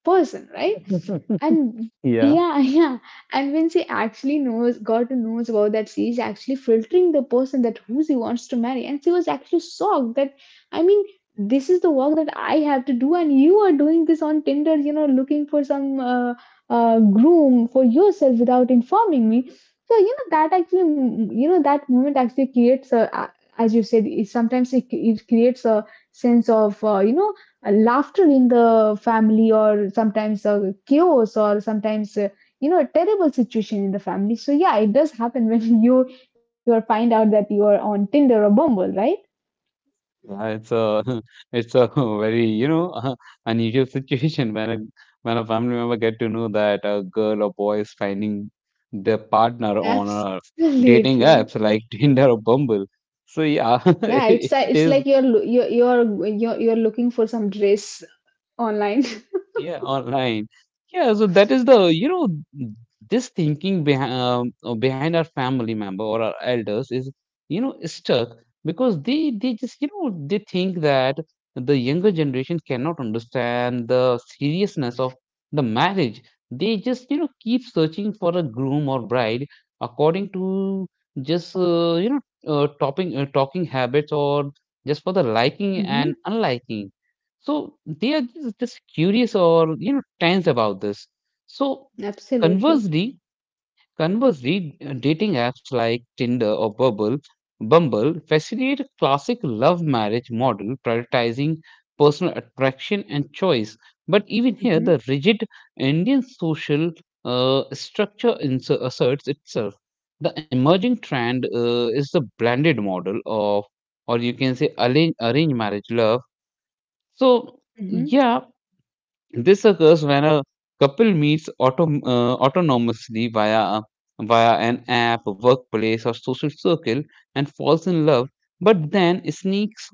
B: person, right? And
A: Yeah,
B: yeah, yeah. And when she actually knows, got to knows about that, she is actually filtering the person that who she wants to marry. And she was actually shocked that, I mean, this is the work that I have to do, and you are doing this on Tinder, you know, looking for some groom for yourself without informing me. So you know that actually, you know, that moment actually creates as you said, sometimes it creates a sense of you know laughter in the family or sometimes chaos or sometimes you know a terrible situation in the family so yeah it does happen when you are find out that you are on tinder or bumble, right?
A: yeah, it's a it's a very, you know, unusual situation when a family member get to know that a girl or boy is finding their partner on a dating
B: Absolutely.
A: apps like Tinder or Bumble. So yeah,
B: Yeah
A: it
B: it's
A: is.
B: it's like you're looking for some dress online.
A: Yeah, online. Yeah, so that is this thinking behind our family member or our elders is, stuck because they just, they think that the younger generation cannot understand the seriousness of the marriage. They just, keep searching for a groom or bride according to just talking habits or just for the liking and
B: hmm
A: unliking. So they are just curious or tense about this. So
B: Absolutely.
A: conversely, conversely, dating apps like Tinder or Bumble facilitate a classic love marriage model, prioritizing personal attraction and choice. But even here, the
B: hmm
A: rigid Indian social structure asserts itself. The emerging trend is the blended model of, or you can say arranged marriage love. So
B: hmm
A: yeah, this occurs when a couple meets autonomously via an app, workplace, or social circle, and falls in love, but then sneaks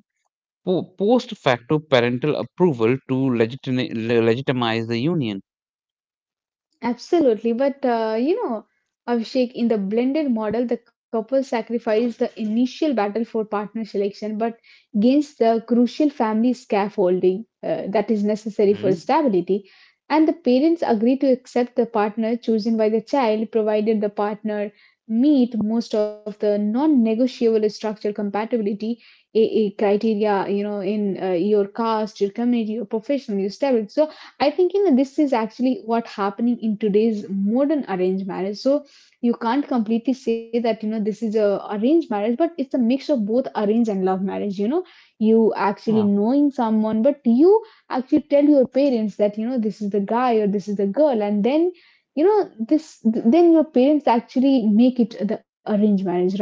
A: post facto parental approval to legitimize the union.
B: Absolutely, but you know, Abhishek, in the blended model, the couple sacrifice the initial battle for partner selection but gains the crucial family scaffolding that is necessary for
A: Mhm.
B: stability. And the parents agree to accept the partner chosen by the child provided the partner meet most of the non-negotiable structural compatibility a criteria you know in your caste your community your profession your stability so I think you know this is actually what happening in today's modern arranged marriage. So you can't completely say that this is a arranged marriage, but it's a mix of both arranged and love marriage. You know, you actually knowing someone, but you actually tell your parents that this is the guy or this is the girl, and then this then your parents actually make it the arranged marriage, right?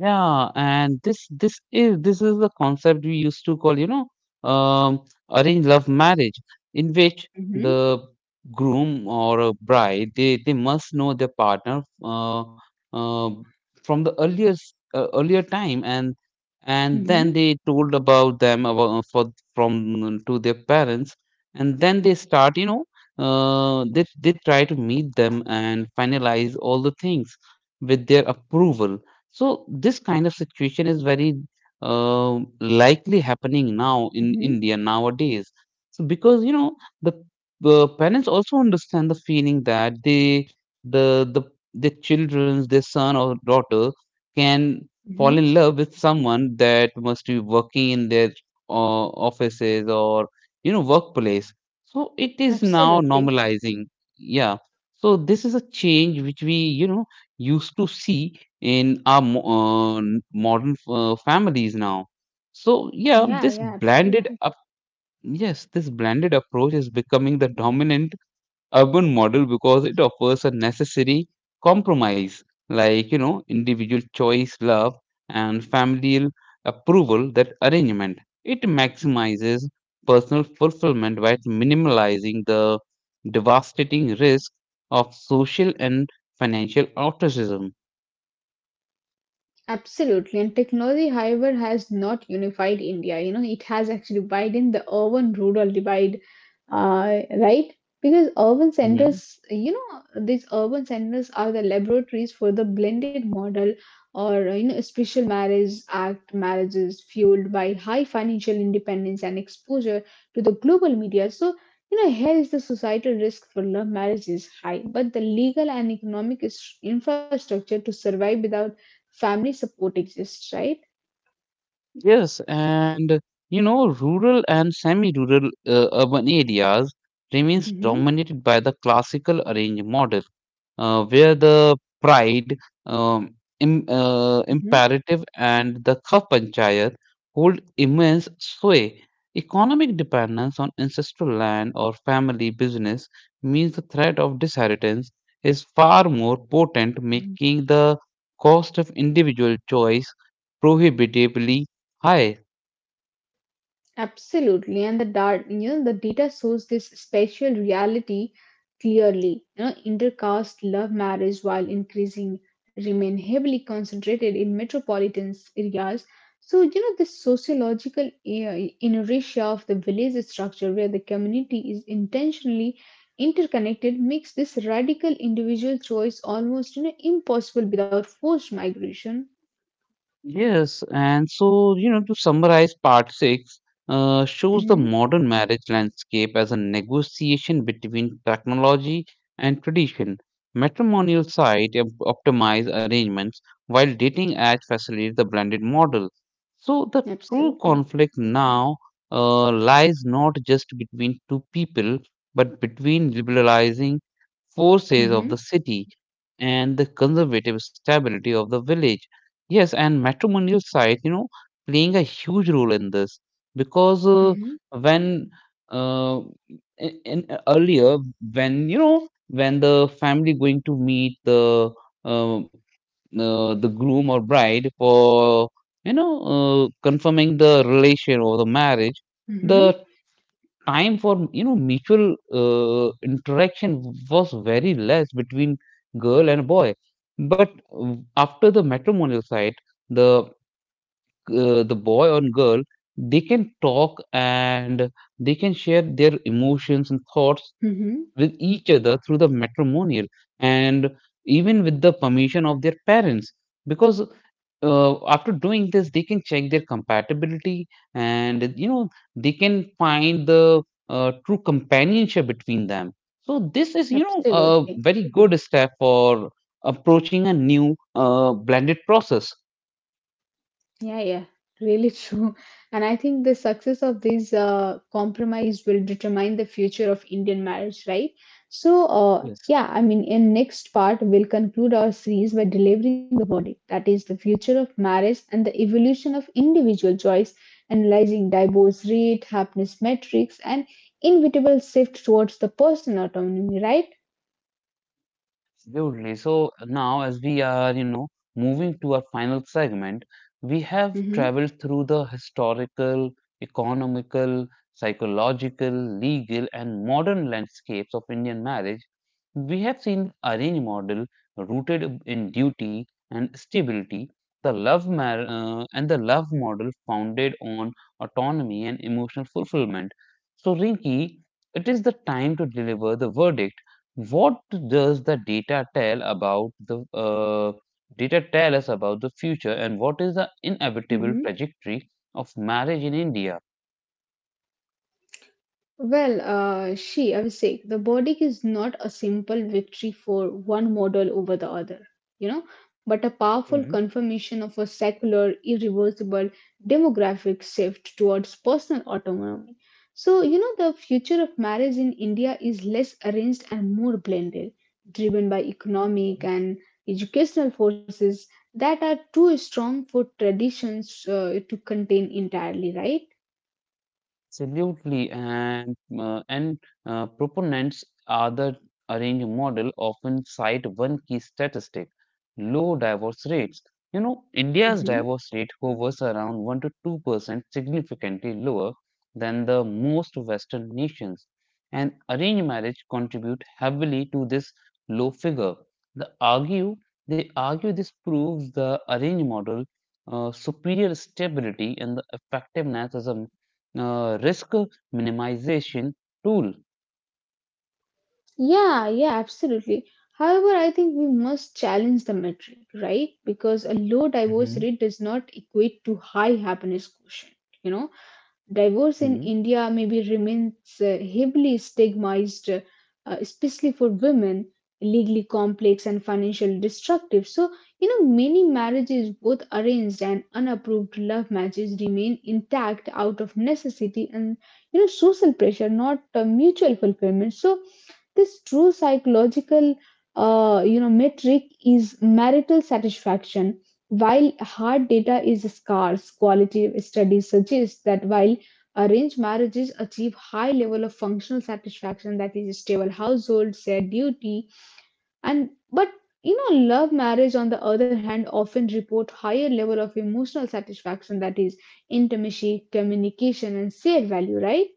A: Yeah, and this is the concept we used to call, um, arranged love marriage, in which
B: Mm-hmm.
A: the groom or a bride they must know their partner uh, from the earlier time, and
B: Mm-hmm.
A: then they told about them about for from to their parents, and then they start, uh, they they try to meet them and finalize all the things with their approval. So this kind of situation is very likely happening now in
B: Mm-hmm.
A: India nowadays. So because the parents also understand the feeling that they the their children, their son or daughter can
B: Mm-hmm.
A: fall in love with someone that must be working in their offices or workplace. So it is now
B: Absolutely.
A: normalizing. Yeah, so this is a change which we used to see in our modern families now. So yeah.
B: Yeah.
A: this
B: Yeah.
A: blended
B: Absolutely.
A: up Yes, this blended approach is becoming the dominant urban model because it offers a necessary compromise, like individual choice, love, and familial approval. That arrangement, it maximizes personal fulfillment while minimalizing the devastating risk of social and financial ostracism.
B: Absolutely, and technology, however, has not unified India. You know, it has actually widened the urban rural divide right? Because urban centers, you know, these urban centers are the laboratories for the blended model or, you know, special marriage act marriages fueled by high financial independence and exposure to the global media. So, you know, here is the societal risk for love marriage is high, but the legal and economic infrastructure to survive without family support exists, right?
A: Yes, and rural and semi-rural urban areas remains
B: Mm-hmm,
A: dominated by the classical arranged model, where the pride, um, im
B: mm-hmm,
A: imperative, and the kaf panchayat hold immense sway. Economic dependence on ancestral land or family business means the threat of disheritance is far more potent,
B: mm-hmm.
A: making the cost of individual choice prohibitively. Hi.
B: Absolutely, and the data, you know, the data shows this spatial reality clearly. You know, intercaste love marriage, while increasing, remain heavily concentrated in metropolitan areas. So, you know, the sociological inertia of the village structure, where the community is intentionally interconnected, makes this radical individual choice almost, you know, impossible without forced migration.
A: Yes, and so, to summarize part six, shows the
B: Hmm.
A: modern marriage landscape as a negotiation between technology and tradition. Matrimonial site optimize arrangements while dating ads facilitate the blended model. So the true
B: Absolutely.
A: conflict now lies not just between two people, but between liberalizing forces of the
B: Hmm.
A: city and the conservative stability of the village. Yes, and matrimonial site, playing a huge role in this because uh,
B: Hmm.
A: when uh, in, in earlier, when you know when the family going to meet uh, uh, the groom or bride for confirming the relation or the marriage, the
B: Hmm.
A: time for mutual interaction was very less between girl and boy. But after the matrimonial site, the the boy or girl, they can talk and they can share their emotions and thoughts
B: Hmm.
A: with each other through the matrimonial, and even with the permission of their parents, because uh, after doing this they can check their compatibility and they can find the true companionship between them. So this is a
B: Absolutely.
A: very good step for approaching a new blended process.
B: Yeah, yeah. Really true. And I think the success of this compromise will determine the future of Indian marriage, right? So,
A: Yes.
B: yeah, I mean, in next part, we'll conclude our series by delivering the verdict, that is, the future of marriage and the evolution of individual choice, analyzing divorce rate, happiness metrics, and inevitable shift towards the personal autonomy, right?
A: Absolutely. So now, as we are, moving to our final segment, we have
B: Mm-hmm.
A: traveled through the historical, economical, psychological, legal, and modern landscapes of Indian marriage. We have seen the arranged model rooted in duty and stability, the love mar and the love model founded on autonomy and emotional fulfillment. So, Rinki, it is the time to deliver the verdict. What does the data tell about the data tell us about the future, and what is the inevitable
B: Mm-hmm.
A: trajectory of marriage in India?
B: Well, I was saying, the verdict is not a simple victory for one model over the other, you know, but a powerful confirmation of a secular, irreversible demographic shift towards personal autonomy. So, you know, the future of marriage in India is less arranged and more blended, driven by economic and educational forces that are too strong for traditions to contain entirely, right?
A: Absolutely, and proponents are the arrange model often cite one key statistic: low divorce rates. You know, India's
B: Mm-hmm.
A: divorce rate hovers around 1 to 2%, significantly lower than the most Western nations. And arranged marriage contribute heavily to this low figure. They argue they argue this proves the arranged model superior stability and the effectiveness as a risk minimization tool.
B: Yeah, yeah, absolutely. However, I think we must challenge the metric, right? Because a low divorce
A: Hmm.
B: rate does not equate to high happiness quotient, you know? Divorce in
A: Mhm.
B: India maybe remains heavily stigmatized, especially for women, legally complex and financially destructive. So, you know, many marriages, both arranged and unapproved love matches, remain intact out of necessity and, you know, social pressure, not mutual fulfillment. So, this true psychological you know metric is marital satisfaction. While hard data is scarce, qualitative studies suggest that while arranged marriages achieve high level of functional satisfaction, that is stable household, shared duty, and but you know, love marriage on the other hand often report higher level of emotional satisfaction, that is intimacy, communication, and shared value, right?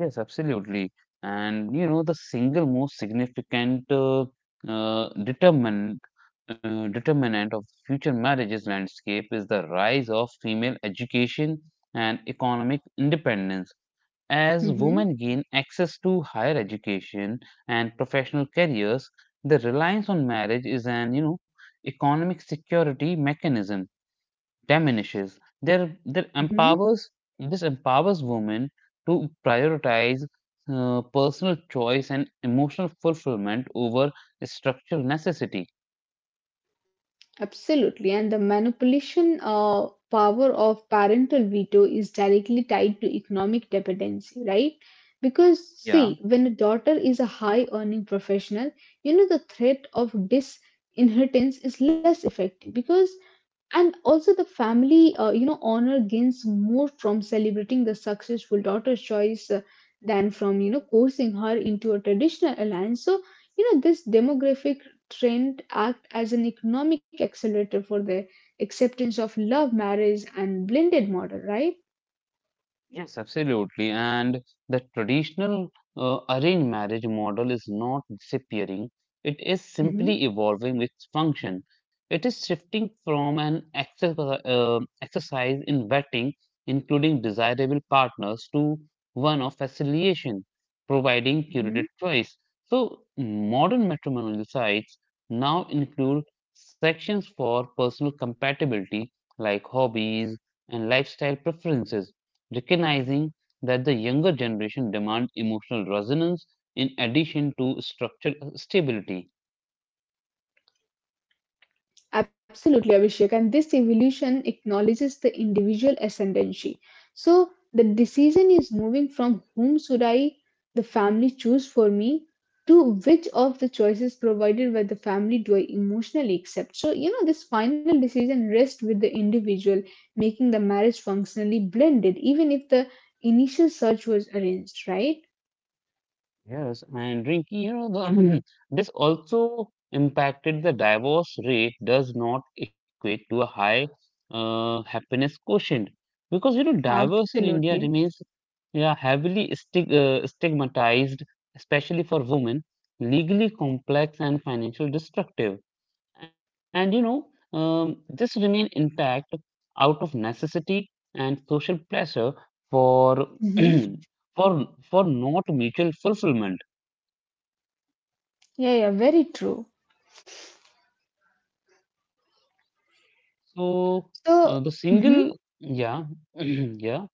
A: Yes, absolutely. And the single most significant uh, determinant determinant of future marriages landscape is the rise of female education and economic independence. As women
B: Hmm.
A: gain access to higher education and professional careers, the reliance on marriage is an economic security mechanism diminishes. There
B: Hmm.
A: empowers This empowers women to prioritize personal choice and emotional fulfillment over structural necessity.
B: Absolutely, and the manipulation power of parental veto is directly tied to economic dependency, right? Because,
A: Yeah.
B: see, when a daughter is a high earning professional, you know, the threat of disinheritance is less effective, because and also the family you know honor gains more from celebrating the successful daughter's choice than from you know coercing her into a traditional alliance. So you know this demographic trend act as an economic accelerator for the acceptance of love marriage and blended model, right?
A: Yes, absolutely. And the traditional arranged marriage model is not disappearing, it is simply
B: Hmm.
A: evolving its function. It is shifting from an exercise in vetting, including desirable partners, to one of facilitation, providing curated choice. So, modern matrimonial sites now include sections for personal compatibility, like hobbies and lifestyle preferences, recognizing that the younger generation demand emotional resonance in addition to structural stability.
B: Absolutely, Abhishek. And this evolution acknowledges the individual ascendancy. So the decision is moving from whom should I, the family, choose for me to which of the choices provided by the family do I emotionally accept. So, you know, this final decision rests with the individual, making the marriage functionally blended, even if the initial search was arranged, right?
A: Yes, and Rinky, this also impacted the divorce rate does not equate to a high happiness quotient, because divorce in India
B: Absolutely.
A: remains, yeah, heavily stigmatized, especially for women, legally complex and financially destructive. And this remain intact out of necessity and social pressure, for
B: Hmm.
A: for not mutual fulfillment.
B: Yeah, yeah, very true.
A: So
B: So,
A: the
B: mhm.
A: single yeah. Yeah.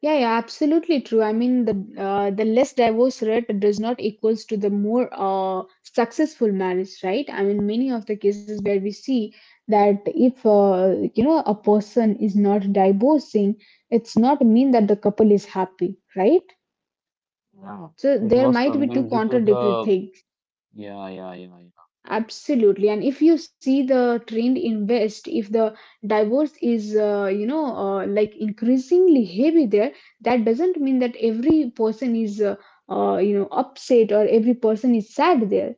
B: Yeah, yeah, absolutely true. I mean, the less divorce rate does not equals to the more successful marriage, right? I mean, many of the cases where we see that if you know a person is not divorcing, it's not mean that the couple is happy, right?
A: Yeah.
B: So
A: it
B: there
A: was
B: might be two
A: something due to
B: contradictory
A: the
B: things.
A: Yeah, yeah, yeah, yeah.
B: Absolutely, and if you see the trend in west, if the divorce is you know like increasingly heavy there, that doesn't mean that every person is you know upset, or every person is sad there.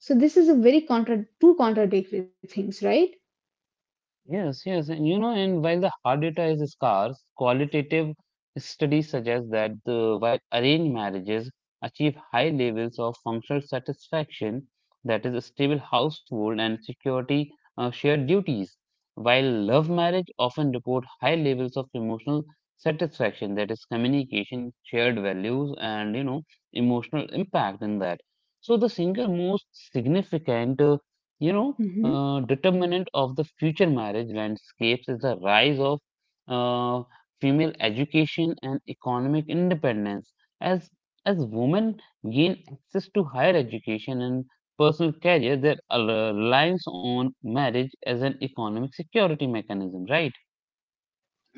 B: So this is a very contra two contradictory things, right?
A: Yes, yes. And while the hard data is scarce, qualitative studies suggest that while arranged marriages achieve high levels of functional satisfaction, that is, a stable household and security, shared duties, while love marriage often report high levels of emotional satisfaction, that is, communication, shared values, and emotional impact in that. So the single most significant, you know
B: Hmm.
A: determinant of the future marriage landscapes is the rise of uh, female education and economic independence. As as women gain access to higher education and personal career, their reliance on marriage as an economic security mechanism, right?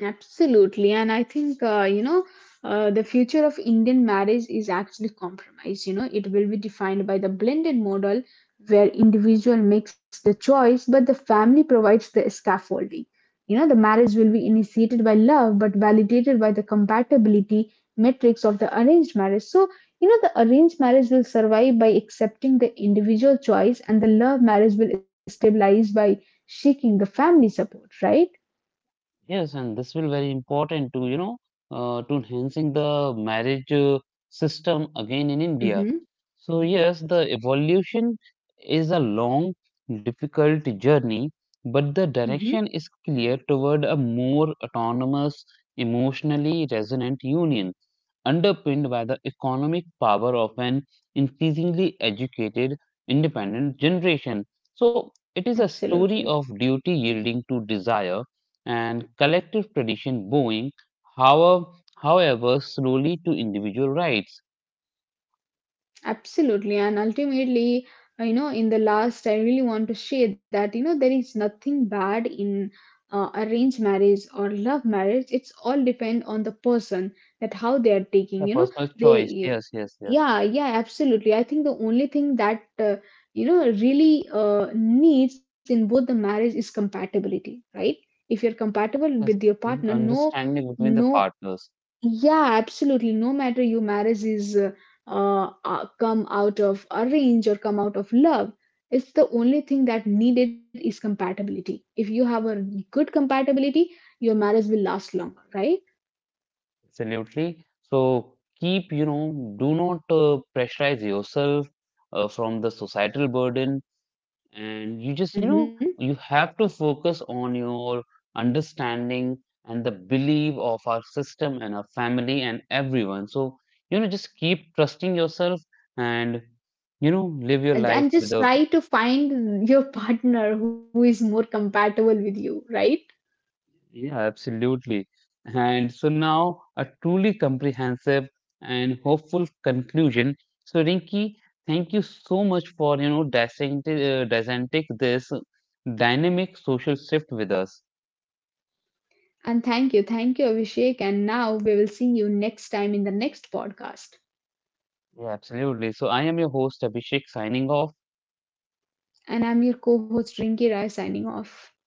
B: Absolutely, and I think you know the future of Indian marriage is actually compromise. You know, it will be defined by the blended model where individual makes the choice, but the family provides the scaffolding. You know, the marriage will be initiated by love, but validated by the compatibility metrics of the arranged marriage. So, you know, the arranged marriage will survive by accepting the individual choice, and the love marriage will stabilize by shaking the family support. Right?
A: Yes, and this will very important to to enhancing the marriage system again in India.
B: Mm-hmm.
A: So yes, the evolution is a long, difficult journey, but the
B: Mm-hmm.
A: direction is clear toward a more autonomous, emotionally resonant union underpinned by the economic power of an increasingly educated, independent generation. So, it is a
B: Absolutely.
A: story of duty yielding to desire and collective tradition bowing, however, however slowly, to individual rights.
B: Absolutely. And ultimately, you know, in the last, I really want to share that, you know, there is nothing bad in arranged marriage or love marriage. It's all depend on the person, that how they are taking,
A: A
B: you know,
A: personal choice,
B: they,
A: yes, yes, yes.
B: yeah, yeah, absolutely. I think the only thing that, you know, really needs in both the marriage is compatibility, right? If you're compatible
A: Yes,
B: with your
A: and
B: partner, no,
A: understanding between the
B: no.
A: partners,
B: Yeah, absolutely. No matter your marriage is come out of arrange or come out of love, it's the only thing that needed is compatibility. If you have a good compatibility, your marriage will last longer, right?
A: absolutely. So, keep, do not pressurize yourself from the societal burden, and you just
B: Hmm.
A: you have to focus on your understanding and the belief of our system and our family and everyone. So just keep trusting yourself, and live your
B: And
A: life
B: just
A: with a,
B: try to find your partner who is more compatible with you, right?
A: yeah, absolutely. And so now, a truly comprehensive and hopeful conclusion. So Rinki, thank you so much for dissecting this dynamic social shift with us.
B: And thank you, Abhishek. And now we will see you next time in the next podcast.
A: Yeah, absolutely. So I am your host Abhishek signing off.
B: And I'm your co-host Rinki Rai signing off.